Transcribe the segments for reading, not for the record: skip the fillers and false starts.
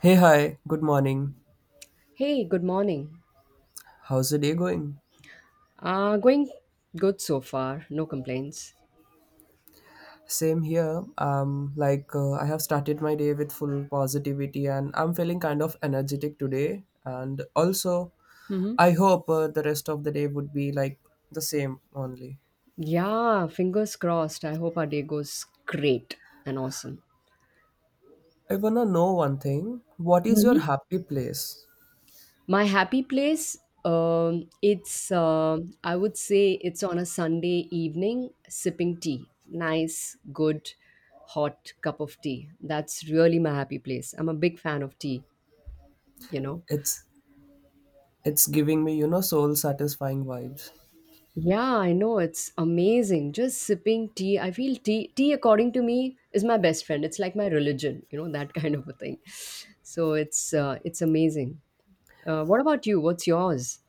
Hey, hi, good morning. Hey, good morning. How's the day going? Going good so far. No complaints. Same here. Like I have started my day with full positivity and I'm feeling kind of energetic today. And also, hmm I hope the rest of the day would be like the same only. Yeah, fingers crossed. I hope our day goes great and awesome. I wanna know one thing. What is hmm your happy place? My happy place, it's, I would say it's on a Sunday evening sipping tea. Nice, good, hot cup of tea. That's really my happy place. I'm a big fan of tea, you know. It's it's giving me, you know, soul satisfying vibes. Yeah, I know it's amazing. Just sipping tea. I feel tea according to me is my best friend. It's like my religion, you know, that kind of a thing. So it's amazing. What about you? What's yours?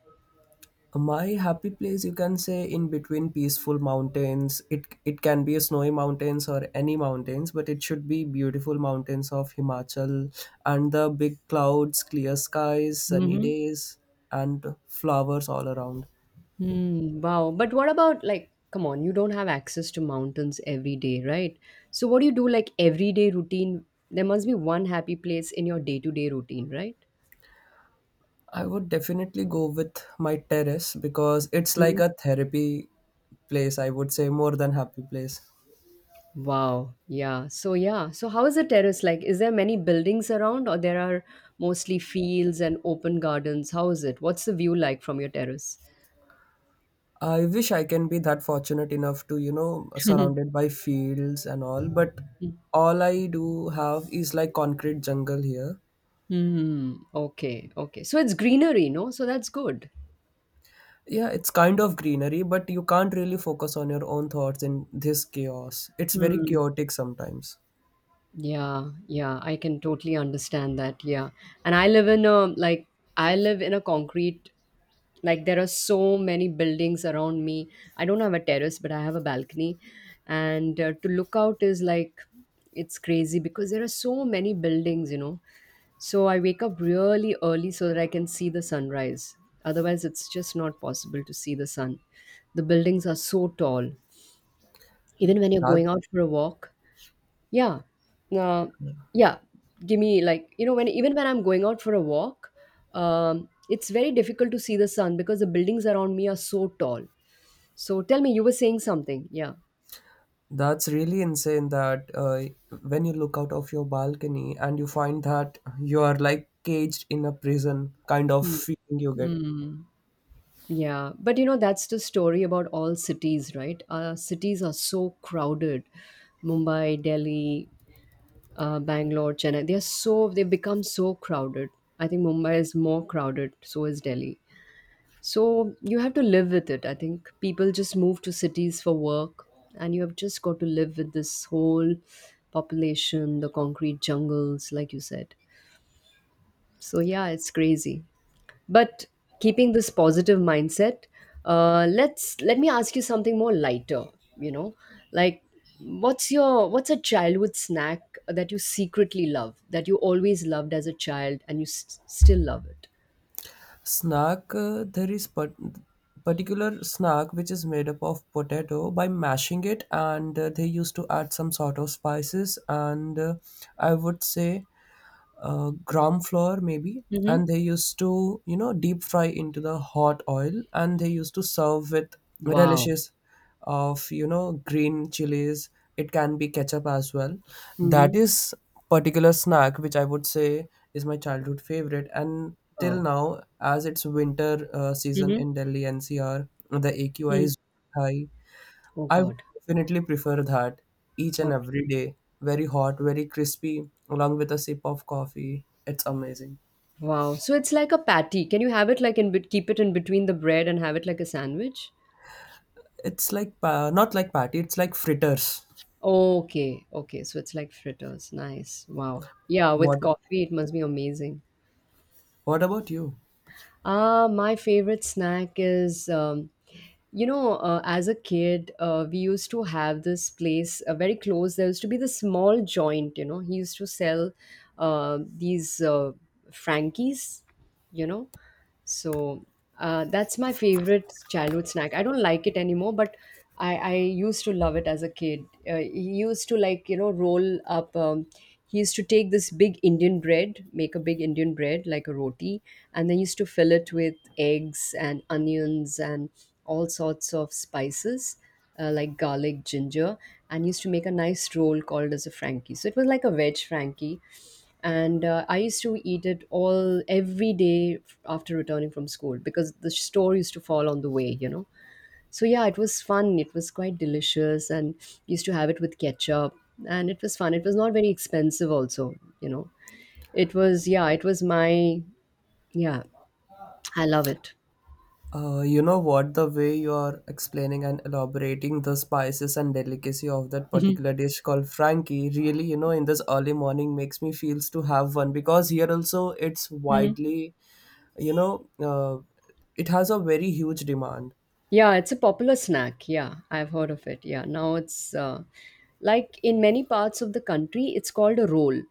My happy place, you can say, in between peaceful mountains. It can be a snowy mountains or any mountains, but it should be beautiful mountains of Himachal and the big clouds, clear skies, sunny Mm-hmm. days, and flowers all around. Hmm, wow. But what about, like, come on, you don't have access to mountains every day, right? So what do you do, like, everyday routine? There must be one happy place in your day-to-day routine, right? I would definitely go with my terrace because it's like a therapy place. I would say more than happy place. Wow. Yeah. So yeah. So how is the terrace like? Is there many buildings around or there are mostly fields and open gardens? How is it? What's the view like from your terrace? I wish I can be that fortunate enough to, you know, surrounded by fields and all, but all I do have is like concrete jungle here. Hmm. Okay. Okay. So it's greenery, no? So that's good. Yeah, it's kind of greenery, but you can't really focus on your own thoughts in this chaos. It's very Hmm. chaotic sometimes. Yeah, yeah, I can totally understand that. Yeah. And I live in a, I live in a concrete. Like, there are so many buildings around me. I don't have a terrace, but I have a balcony, and to look out is like it's crazy because there are so many buildings. So I wake up really early so that I can see the sunrise. Otherwise, it's just not possible to see the sun. The buildings are so tall. Even when you're That going out for a walk, yeah. Uh, yeah. Give me like you know when even when I'm going out for a walk, it's very difficult to see the sun because the buildings around me are so tall. So tell me, you were saying something? Yeah. that's really insane that when you look out of your balcony and you find that you are like caged in a prison kind of Hmm. feeling you get. Mm. Yeah, but you know that's the story about all cities, right? Cities are so crowded. Mumbai, Delhi, Bangalore, Chennai. They are so they've become so crowded. I think Mumbai is more crowded. So is Delhi. So you have to live with it. I think people just move to cities for work, and you have just got to live with this whole population, the concrete jungles, like you said. So yeah, it's crazy. But keeping this positive mindset, let me ask you something more lighter. You know, like, what's your what's a childhood snack that you secretly love that you always loved as a child and you still love it? Snack, there is particular snack which is made up of potato by mashing it, and they used to add some sort of spices. And I would say gram flour maybe, Mm-hmm. and they used to, you know, deep fry into the hot oil, and they used to serve with Wow. relishes of, you know, green chilies. It can be ketchup as well. That Mm-hmm. is particular snack which I would say is my childhood favorite, and till Wow. now, as it's winter season Mm-hmm. in Delhi NCR, the AQI is high. Oh I would God. definitely prefer that each and Oh every day. Very hot, very crispy, along with a sip of coffee. It's amazing. wow. So it's like a patty. Can you have it like in keep it in between the bread and have it like a sandwich? It's like not like patty. It's like fritters. Okay. Okay. So it's like fritters. Nice. Wow. Yeah, with What? coffee it must be amazing. What about you? Ah, my favorite snack is you know, as a kid, we used to have this place very close. There used to be this small joint, you know, he used to sell these Frankies, you know. So that's my favorite childhood snack. I don't like it anymore, but I used to love it as a kid. He used to like, you know, roll up. He used to take this big Indian bread, make a big Indian bread like a roti, and then used to fill it with eggs and onions and all sorts of spices like garlic, ginger and used to make a nice roll called as a Frankie. So it was like a veg Frankie. And I used to eat it all every day after returning from school because the store used to fall on the way, you know. So yeah, it was fun. It was quite delicious and used to have it with ketchup and it was fun. It was not very expensive also, you know. It was yeah, it was my yeah, I love it. You know what? The way you are explaining and elaborating the spices and delicacy of that particular dish called Frankie, really, you know, in this early morning makes me feels to have one because here also it's widely, you know, it has a very huge demand. Yeah, it's a popular snack. Yeah, I've heard of it. Yeah, now it's like in many parts of the country, it's called a roll,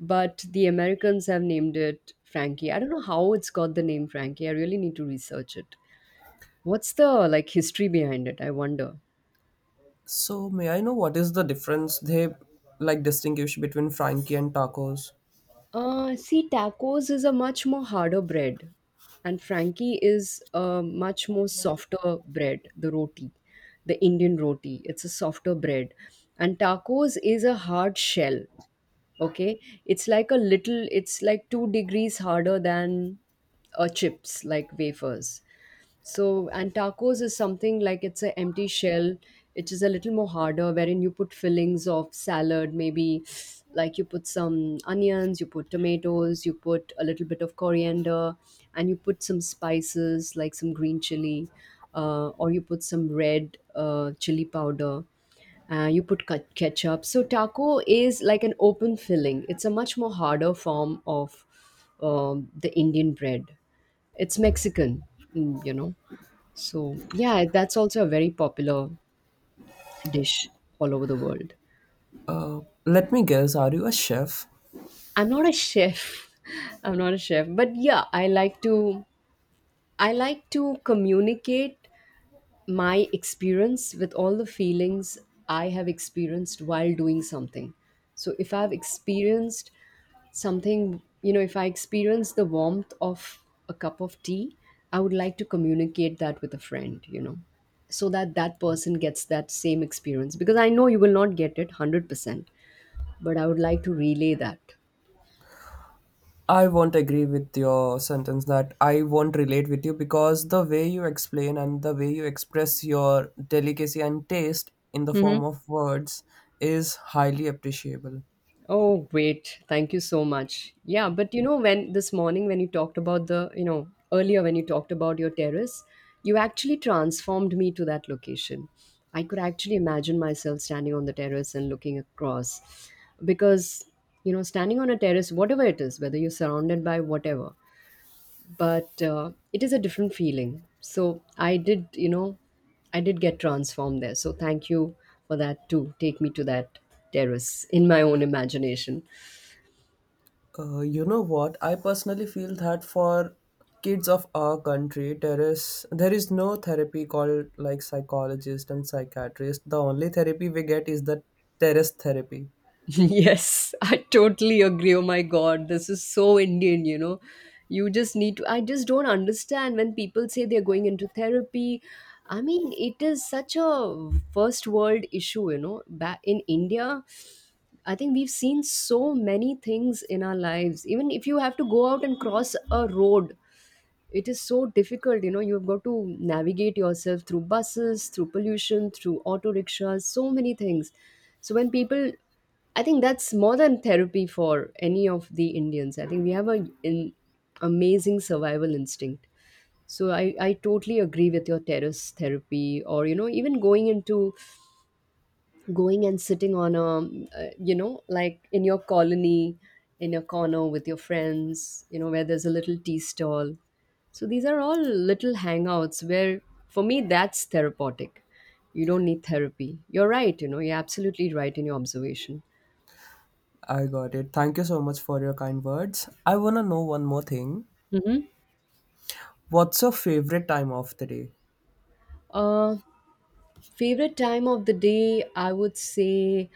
but the Americans have named it Frankie. I don't know how it's got the name Frankie. I really need to research it. What's the like history behind it? I wonder. So may I know what is the difference they like distinguish between Frankie and tacos? See, tacos is a much more harder bread, and Frankie is a much more softer bread, the roti, the Indian roti. It's a softer bread, and tacos is a hard shell. Okay, it's like a little it's like 2 degrees harder than chips like wafers. So and tacos is something like it's an empty shell which is a little more harder wherein you put fillings of salad maybe, like you put some onions, you put tomatoes, you put a little bit of coriander, and you put some spices like some green chili or you put some red chili powder. You put ketchup. So taco is like an open filling. It's a much more harder form of the Indian bread. It's Mexican, mm, you know. So yeah, that's also a very popular dish all over the world. Uh, Let me guess, are you a chef? I'm not a chef. I'm not a chef, but yeah, I like to communicate my experience with all the feelings I have experienced while doing something. So if I've experienced something, you know, if I experience the warmth of a cup of tea, I would like to communicate that with a friend, you know, so that that person gets that same experience because I know you will not get it 100%, but I would like to relay that. I won't agree with your sentence that I won't relate with you because the way you explain and the way you express your delicacy and taste in the Mhm. form of words is highly appreciable. Oh, great. Thank you so much. Yeah, but you know, when this morning when you talked about the, you know, earlier when you talked about your terrace, you actually transformed me to that location. I could actually imagine myself standing on the terrace and looking across because, you know, standing on a terrace, whatever it is, whether you're surrounded by whatever, but it is a different feeling. So I did, you know, I did get transformed there. So thank you for that too. Take me to that terrace in my own imagination. You know what? I personally feel that for kids of our country, there is no therapy called like psychologist and psychiatrist. The only therapy we get is the terrace therapy. Yes, I totally agree. Oh my God, this is so Indian, you know. You just need to, I just don't understand when people say they're going into therapy. I mean, it is such a first world issue, you know. Back in India, I think we've seen so many things in our lives. Even if you have to go out and cross a road, it is so difficult, you know, you've got to navigate yourself through buses, through pollution, through auto rickshaws, so many things. So when people, I think that's more than therapy for any of the Indians. I think we have a, an amazing survival instinct. So I totally agree with your terrace therapy, or you know, even going and sitting on a you know, like in your colony, in a corner with your friends, you know, where there's a little tea stall. So these are all little hangouts where for me that's therapeutic. You don't need therapy, you're right, you know, you're absolutely right in your observation. I got it. Thank you so much for your kind words. I wanna know one more thing. What's your favorite time of the day? hmm Favorite time of the day, I would say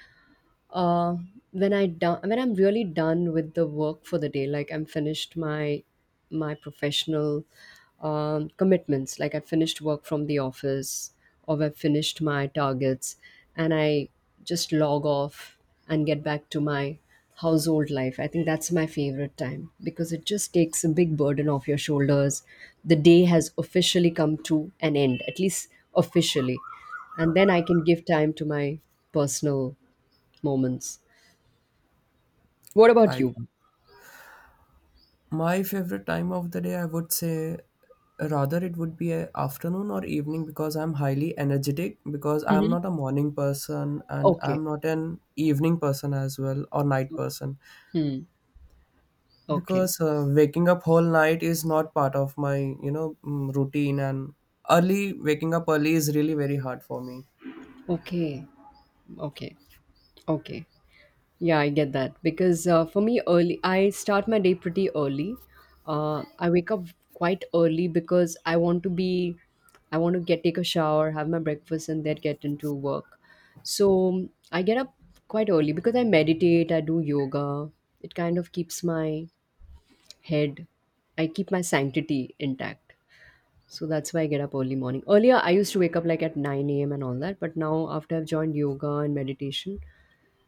uh, when I'm really done with the work for the day, like I'm finished my my professional commitments, like I finished work from the office or I've finished my targets, and I just log off and get back to my household life. I think that's my favorite time because it just takes a big burden off your shoulders. The day has officially come to an end, at least officially, and then I can give time to my personal moments. What about I you? My favorite time of the day, I would say, rather it would be a afternoon or evening because I'm highly energetic, because I'm hmm not a morning person and Okay. I'm not an evening person as well, or night person, Hmm. Okay. because waking up whole night is not part of my, you know, routine, and early waking up early is really very hard for me. Okay. Okay. Okay. Yeah, I get that because for me, early I start my day pretty early. I wake up quite early because I want to be, I want to get take a shower, have my breakfast, and then get into work. So I get up quite early because I meditate, I do yoga. It kind of keeps my head. I keep my sanctity intact. So that's why I get up early morning. Earlier, I used to wake up like at 9 a.m. and all that. But now, after I've joined yoga and meditation,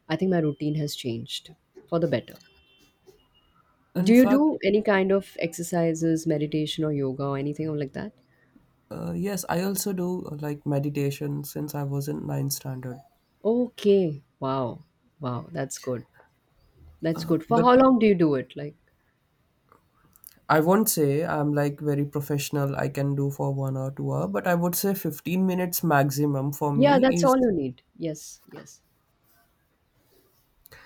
I think my routine has changed for the better. Do In you fact, do any kind of exercises, meditation, or yoga, or anything like that? Yes, I also do like meditation since I was in ninth standard. Okay. Wow. Wow. That's good. That's good. For how But long do you do it? Like, I won't say I'm like very professional. I can do for 1 or 2 hour, but I would say 15 minutes maximum for yeah, me that's is all you need. Yes. Yes.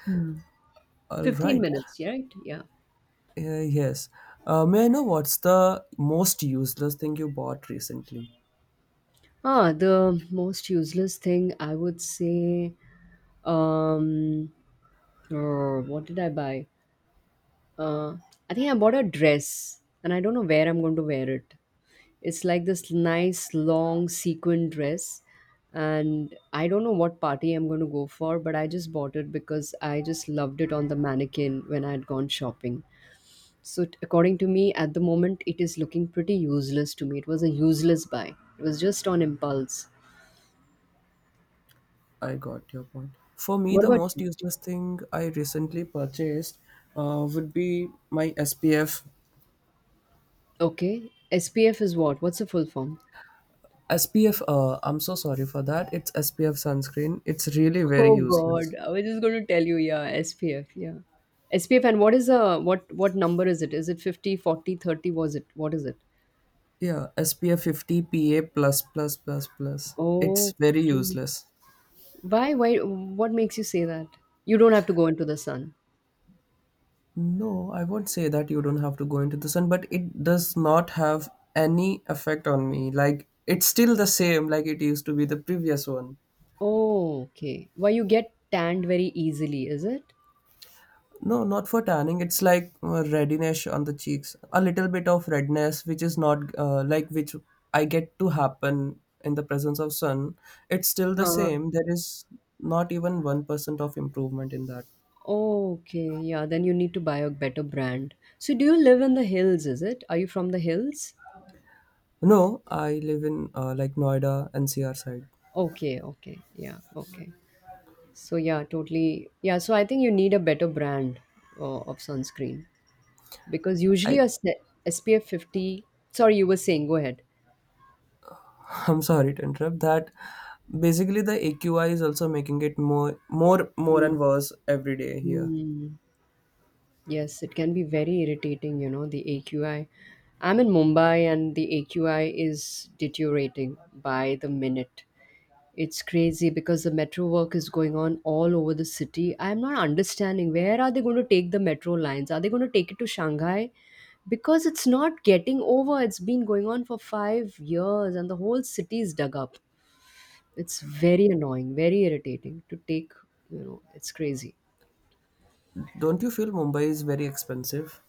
Hmm. all 15 right. minutes, yeah, right? Yeah. Yes. May I know what's the most useless thing you bought recently? Ah, the most useless thing I would say. Um, what did I buy? Uh, I think I bought a dress, and I don't know where I'm going to wear it. It's like this nice long sequin dress, and I don't know what party I'm going to go for, but I just bought it because I just loved it on the mannequin when I had gone shopping. So, according to me, at the moment, it is looking pretty useless to me. It was a useless buy. It was just on impulse. I got your point. For me, What the about most you? useless thing I recently purchased would be my SPF. Okay, SPF is what? What's the full form? SPF, I'm so sorry for that. It's SPF sunscreen. It's really very Oh God, useless. I was just going to tell you, yeah, SPF, yeah. SPF and what is what number is it? Is it is it 50, 40, 30? Was it? What is it? Yeah, SPF 50 PA plus plus plus plus. It's very Okay. useless. Why, what makes you say that? You don't have to go into the sun. No, I won't say that you don't have to go into the sun, but it does not have any effect on me. Like, it's still the same like it used to be the previous one. Oh, okay. Why you get tanned very easily, is it? No, not for tanning. It's like readiness on the cheeks, a little bit of redness, which is not like which I get to happen in the presence of sun. It's still the Huh. same. There is not even 1% of improvement in that. Okay, yeah, then you need to buy a better brand. So do you live in the hills, is it? Are you from the hills? No, I live in like Noida NCR side. Okay, okay. Yeah, okay. So yeah, totally. Yeah, so I think you need a better brand of sunscreen because usually I a s- SPF 50. Sorry, you were saying. Go ahead. I'm sorry to interrupt that. Basically, the AQI is also making it more Mm. and worse every day here. Mm. Yes, it can be very irritating. You know, the AQI. I'm in Mumbai and the AQI is deteriorating by the minute. It's crazy because the metro work is going on all over the city. I'm not understanding where are they going to take the metro lines? Are they going to take it to Shanghai? Because it's not getting over. It's been going on for 5 years and the whole city is dug up. It's very annoying, very irritating to take, it's crazy. Don't you feel Mumbai is very expensive?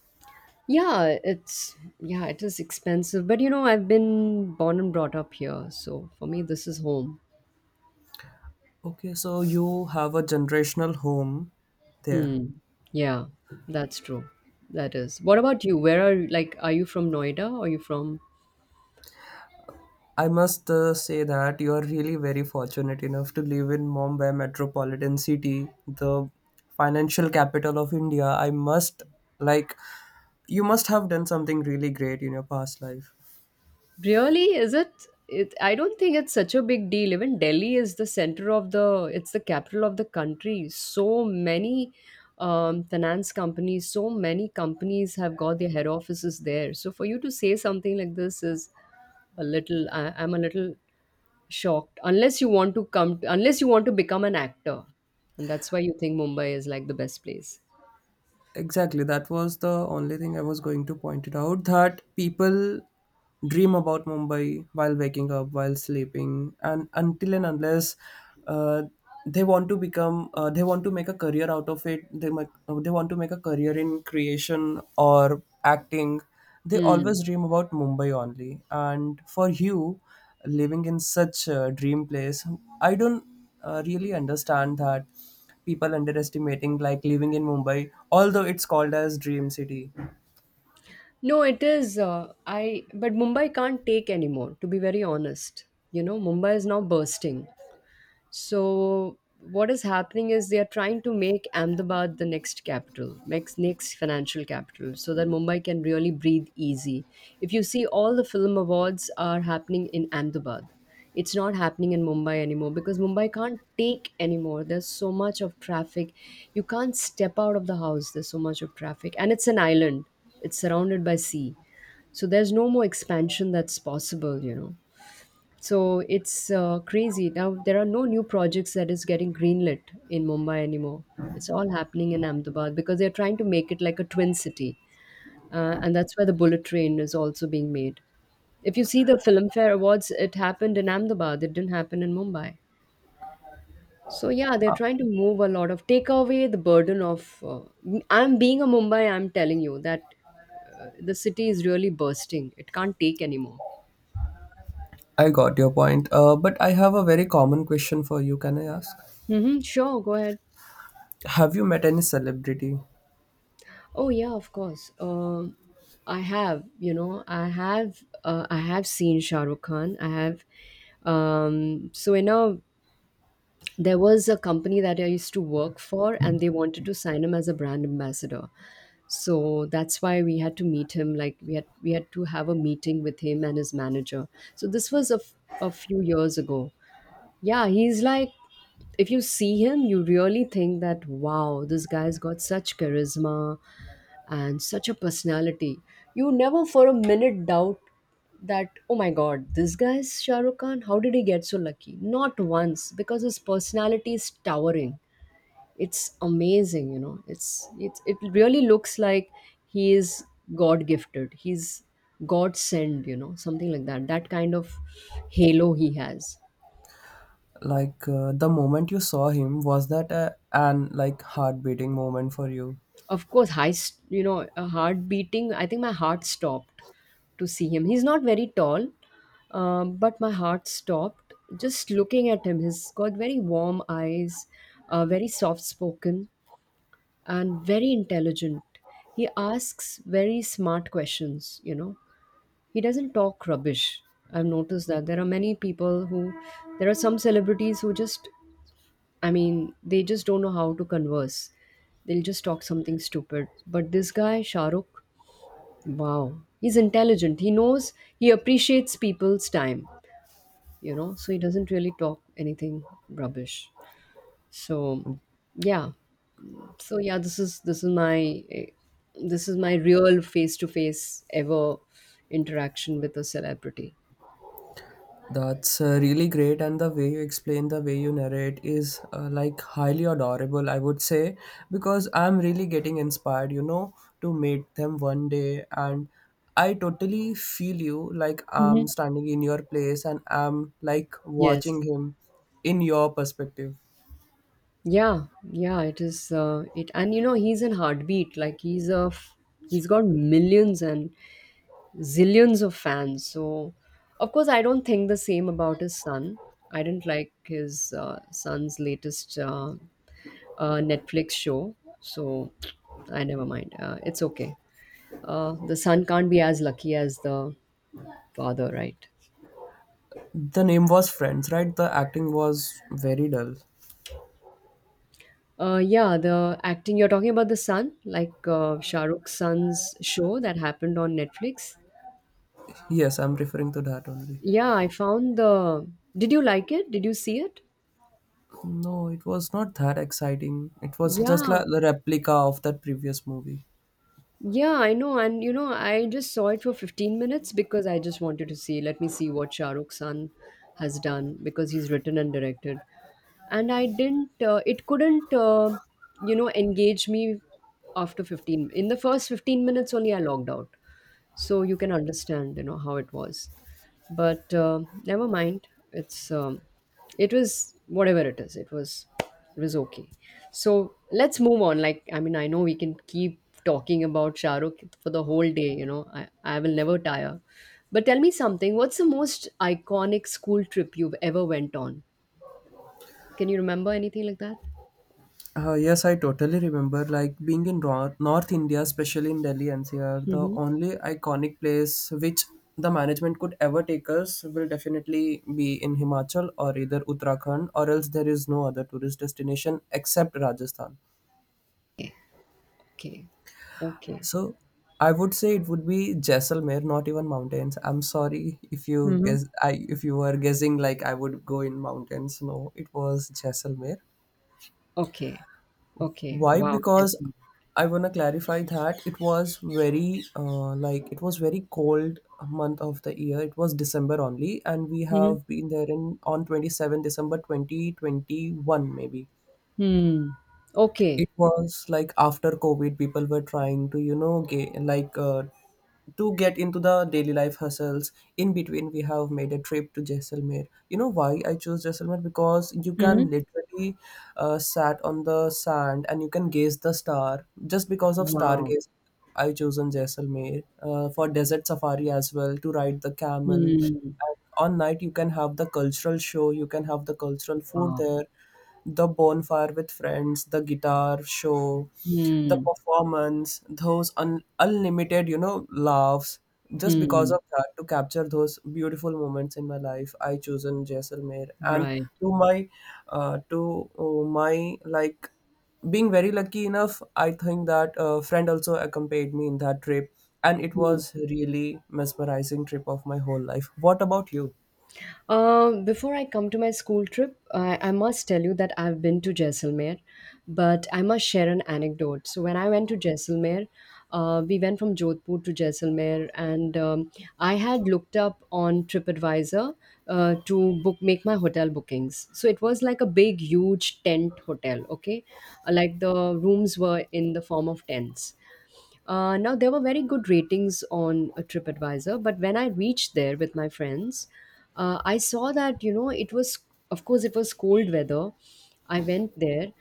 Yeah, it's it is expensive, but you know, I've been born and brought up here, so for me this is home. Okay, so you have a generational home there. Hmm. Yeah, that's true. That is. What about you? Where are you? Like, are you from Noida? Or are you from? I must say that you are really very fortunate enough to live in Mumbai metropolitan city, the financial capital of India. I must, like, you must have done something really great in your past life. Really, is it? I don't think it's such a big deal. Even Delhi is the center of the, it's the capital of the country. So many finance companies, so many companies have got their head offices there. So for you to say something like this is I'm a little shocked. Unless you want to come, unless you want to become an actor, and that's why you think Mumbai is like the best place. Exactly, that was the only thing I was going to point it out that people dream about Mumbai while waking up, while sleeping, and until and unless uh, they want to become, they want to make a career out of it. They might, they want to make a career in creation or acting. They Hmm. always dream about Mumbai only. And for you, living in such a dream place, I don't really understand that people underestimating like living in Mumbai, although it's called as Dream City. No, it is. I but Mumbai can't take anymore. To be very honest, you know, Mumbai is now bursting. So what is happening is they are trying to make Ahmedabad the next capital, next financial capital, so that Mumbai can really breathe easy. If you see, all the film awards are happening in Ahmedabad. It's not happening in Mumbai anymore because Mumbai can't take anymore. There's so much of traffic. You can't step out of the house. There's so much of traffic, and it's an island. It's surrounded by sea, so there's no more expansion that's possible, you know. So it's crazy now. There are no new projects that is getting greenlit in Mumbai anymore. It's all happening in Ahmedabad because they're trying to make it like a twin city, and that's where the bullet train is also being made. If you see the Filmfare awards, it happened in Ahmedabad, it didn't happen in Mumbai. So yeah, they're trying to move a lot of take away the burden of I'm being a Mumbai, I'm telling you that the city is really bursting, it can't take anymore. I got your point, but I have a very common question for you. Can I ask? Mm-hmm, sure, go ahead. Have you met any celebrity? Oh yeah, of course. I have, you know, I have seen Shah Rukh Khan. So you know, there was a company that I used to work for, and they wanted to sign him as a brand ambassador. So that's why we had to meet him. Like we had to have a meeting with him and his manager. So this was a few years ago. Yeah, he's like, if you see him, you really think that, wow, this guy's got such charisma and such a personality. You never for a minute doubt that, oh my god, this guy's Shah Rukh Khan, how did he get so lucky? Not once, because his personality is towering. It's amazing, you know. It really looks like he is God gifted. He's God sent, you know, something like that. That kind of halo he has. Like the moment you saw him, was that an like heart beating moment for you? Of course, you know, a heart beating. I think my heart stopped to see him. He's not very tall, but my heart stopped just looking at him. He's got very warm eyes, very soft spoken, and very intelligent. He asks very smart questions, you know. He doesn't talk rubbish. I've noticed that there are some celebrities who just, I mean, they just don't know how to converse. They'll just talk something stupid. But this guy, Shahrukh, wow, he's intelligent. He knows, he appreciates people's time, you know, so he doesn't really talk anything rubbish. So, yeah. So, yeah, this is, this is my, eh, this is my real face to face ever interaction with a celebrity. That's really great, and the way you explain, the way you narrate is like highly adorable, I would say, because I'm really getting inspired, you know, to meet them one day. And I totally feel you, like I'm Hmm. standing in your place and I'm like Yes. watching him in your perspective. Yeah, it is. It and you know, he's in heartbeat. Like he's got millions and zillions of fans. So, of course, I don't think the same about his son. I didn't like his son's latest Netflix show. So, I never mind. It's okay. The son can't be as lucky as the father, right? The name was Friends, right? The acting was very dull. Yeah, the acting, you're talking about the son, like Shah Rukh's son's show that happened on Netflix. Yes, I'm referring to that only. Yeah, I found the. Did you like it? Did you see it? No, it was not that exciting. It was just Yeah. like the replica of that previous movie. Yeah, I know. And you know, I just saw it for 15 minutes because I just wanted to see. Let me see what Shah Rukh Khan has done because he's written and directed. And I didn't, it couldn't, you know, engage me after 15. In the first 15 minutes only, I logged out. So you can understand, you know, how it was. But never mind. It's it was whatever it is it was okay. So let's move on. I know we can keep talking about Shahrukh for the whole day, you know. I will never tire. But tell me something, what's the most iconic school trip you've ever went on? Can you remember anything like that? Yes, I totally remember. Like being in North India, especially in Delhi NCR, the Mm-hmm. only iconic place which the management could ever take us will definitely be in Himachal or either Uttarakhand, or else there is no other tourist destination except Rajasthan. Okay, okay, okay. So I would say it would be Jaisalmer, not even mountains. I'm sorry, if you Hmm. guess— I if you were guessing like I would go in mountains. No, it was Jaisalmer. Okay, okay, Why? wow, Because Jesse. I want to clarify that it was very like it was very cold month of the year. It was December only, and we Mhm. have been there in on 27th December 2021 maybe. Hmm. Okay. It was like after COVID people were trying to, you know, get, like, to get into the daily life hustles. In between, we have made a trip to Jaisalmer. You know why I chose Jaisalmer? Because you can Mhm. literally sat on the sand and you can gaze the star. Just because of Wow. stargaze I chosen Jaisalmer for desert safari as well, to ride the camel, and Hmm. on night you can have the cultural show, you can have the cultural food Wow. there, the bonfire with friends, the guitar show, the Hmm. performance, those unlimited, you know, laughs. Just because Hmm. of that, to capture those beautiful moments in my life, I chosen Jaisalmer. And Right. to my, to my like being very lucky enough, I think that a friend also accompanied me in that trip, and it Hmm. was really mesmerizing trip of my whole life. What about you? Before I come to my school trip, I must tell you that I've been to Jaisalmer, but I must share an anecdote. So when I went to Jaisalmer, we went from Jodhpur to Jaisalmer, and I had looked up on TripAdvisor to book make my hotel bookings. So it was like a big, huge tent hotel. Okay, like the rooms were in the form of tents. Now, there were very good ratings on TripAdvisor, but when I reached there with my friends, I saw that, you know, of course, it was cold weather. I went there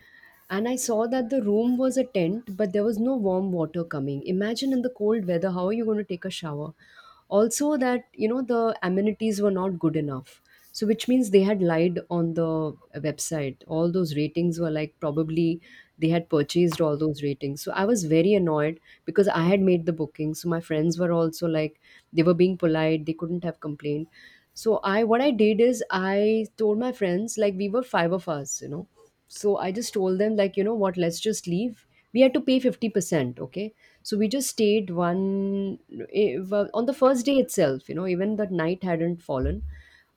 and I saw that the room was a tent, but there was no warm water coming. Imagine in the cold weather, how are you going to take a shower? Also that, you know, the amenities were not good enough, so which means they had lied on the website. All those ratings were like, probably they had purchased all those ratings. So I was very annoyed because I had made the booking. So my friends were also like, they were being polite, they couldn't have complained. So I what I did is I told my friends, like, we were five of us, you know, so I just told them, like, you know what, let's just leave. We had to pay 50%, okay. So we just stayed one, well, on the first day itself, you know, even that night hadn't fallen.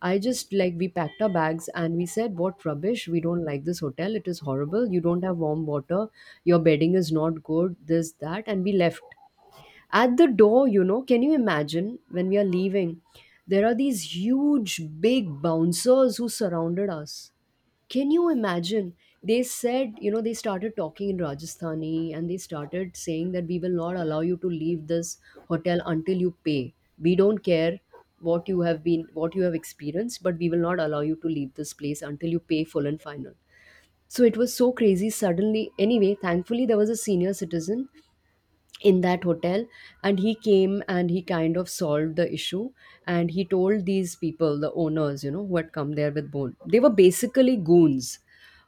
I just like we packed our bags and we said, "What rubbish! We don't like this hotel. It is horrible. You don't have warm water. Your bedding is not good. This that," and we left. At the door, you know, can you imagine, when we are leaving, there are these huge, big bouncers who surrounded us. Can you imagine? They said, you know, they started talking in Rajasthani and they started saying that we will not allow you to leave this hotel until you pay. We don't care what you have been, what you have experienced, but we will not allow you to leave this place until you pay full and final. So it was so crazy. Suddenly, anyway, thankfully, there was a senior citizen in that hotel, and he came and he kind of solved the issue, and he told these people, the owners, you know, who had come there with bone, they were basically goons.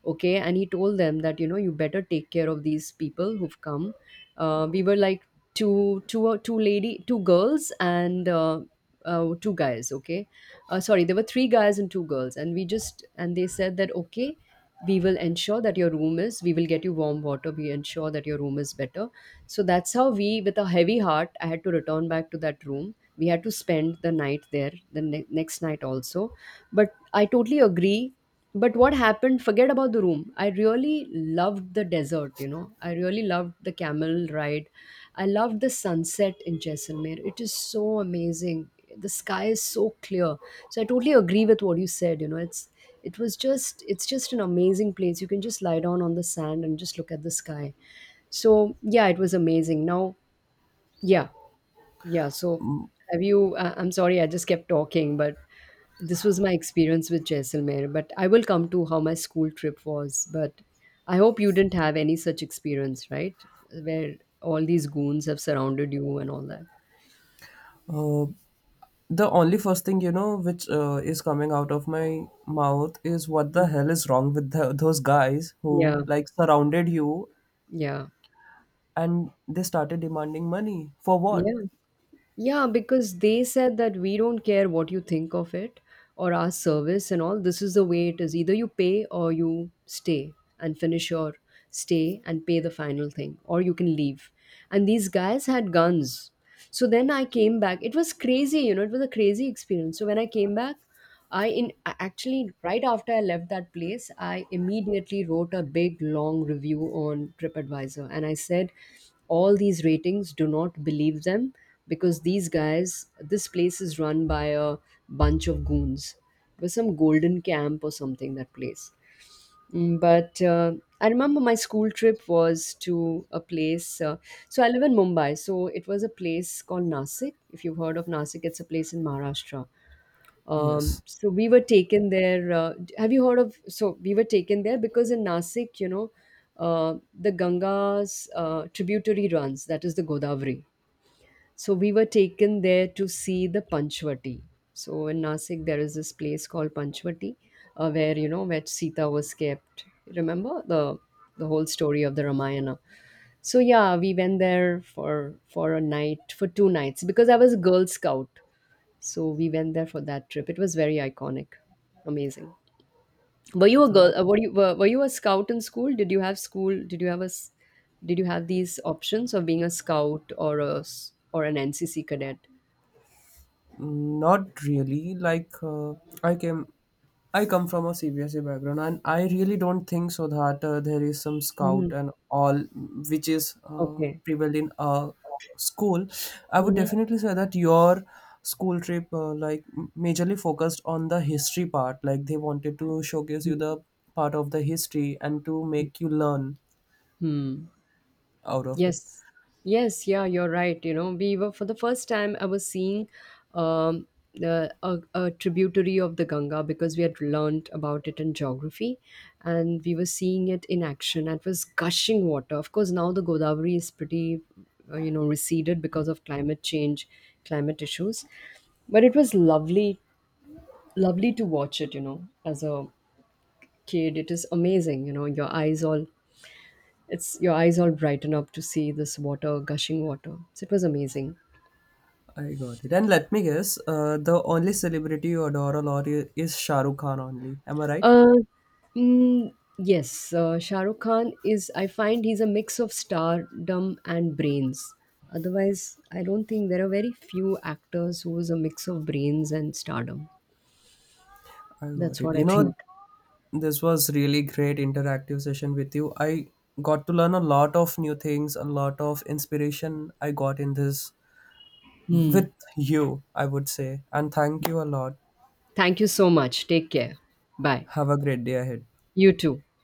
Okay. And he told them that, you know, you better take care of these people who've come. We were like two girls and two guys. Okay. Sorry, there were three guys and two girls, and we just, and they said that, okay, we will ensure that your room is, we will get you warm water, we ensure that your room is better. So that's how we, with a heavy heart, I had to return back to that room. We had to spend the night there, the next night also. But I totally agree. But what happened, forget about the room. I really loved the desert, you know. I really loved the camel ride. I loved the sunset in Jaisalmer. It is so amazing. The sky is so clear. So I totally agree with what you said, you know. It was just, it's just an amazing place. You can just lie down on the sand and just look at the sky. So yeah, it was amazing. Now, yeah, yeah. So have you? I'm sorry, I just kept talking, but this was my experience with Jaisalmer. But I will come to how my school trip was. But I hope you didn't have any such experience, right? Where all these goons have surrounded you and all that. Uh, The only first thing, you know, which is coming out of my mouth is, what the Mm. hell is wrong with the, those guys who Yeah, like surrounded you yeah, and they started demanding money for what? yeah. Yeah, because they said that we don't care what you think of it or our service and all. This is the way it is. Either you pay, or you stay and finish your stay and pay the final thing, or you can leave. And these guys had guns. So then I came back. It was crazy, you know, it was a crazy experience. So when I came back, actually right after I left that place, I immediately wrote a big long review on TripAdvisor, and I said all these ratings, do not believe them, because these guys, this place is run by a bunch of goons. It was some golden camp or something, that place. Mm, but I remember my school trip was to a place. So I live in Mumbai. So it was a place called Nasik. If you've heard of Nasik, it's a place in Maharashtra. Yes, So we were taken there. Have you heard of? So we were taken there because in Nasik, you know, the Ganga's tributary runs. That is the Godavari. So we were taken there to see the Panchvati. So in Nasik, there is this place called Panchvati, where, you know, where Sita was kept. Remember the whole story of the Ramayana. So yeah, we went there for a night, for two nights, because I was a Girl Scout. So we went there for that trip. It was very iconic, amazing. Were you a girl? that Were you a scout in school? Did you have school? Did you have these options of being a scout or an NCC cadet? Not really. Like I came, I come from a CBSE background, and I really don't think so that there is some Mhm. scout and all which is Okay. prevalent in a school. I would Hmm. definitely say that your school trip like majorly focused on the history part. Like, they wanted to showcase you the part of the history and to make you learn Hmm. out of it. Yes, yes, yeah, you're right. You know, we were, for the first time I was seeing um, the a tributary of the Ganga, because we had learnt about it in geography, and we were seeing it in action. And it was gushing water. Of course, now the Godavari is pretty, you know, receded because of climate change, climate issues. But it was lovely, lovely to watch it. You know, as a kid, it is amazing. You know, your eyes all, it's your eyes all brighten up to see this water, gushing water. So it was amazing. I got it. And let me guess, the only celebrity you adore a lot is Shah Rukh Khan only. Am I right? Uh, mm, yes, Shah Rukh Khan is. I find he's a mix of stardom and brains. Otherwise, I don't think there are very few actors who is a mix of brains and stardom. I got That's it. what I You know, think. this was really great interactive session with you. I got to learn a lot of new things, a lot of inspiration I got in this Hmm. with you, I would say. And thank you a lot. Thank you so much. Take care. Bye. Have a great day ahead. You too.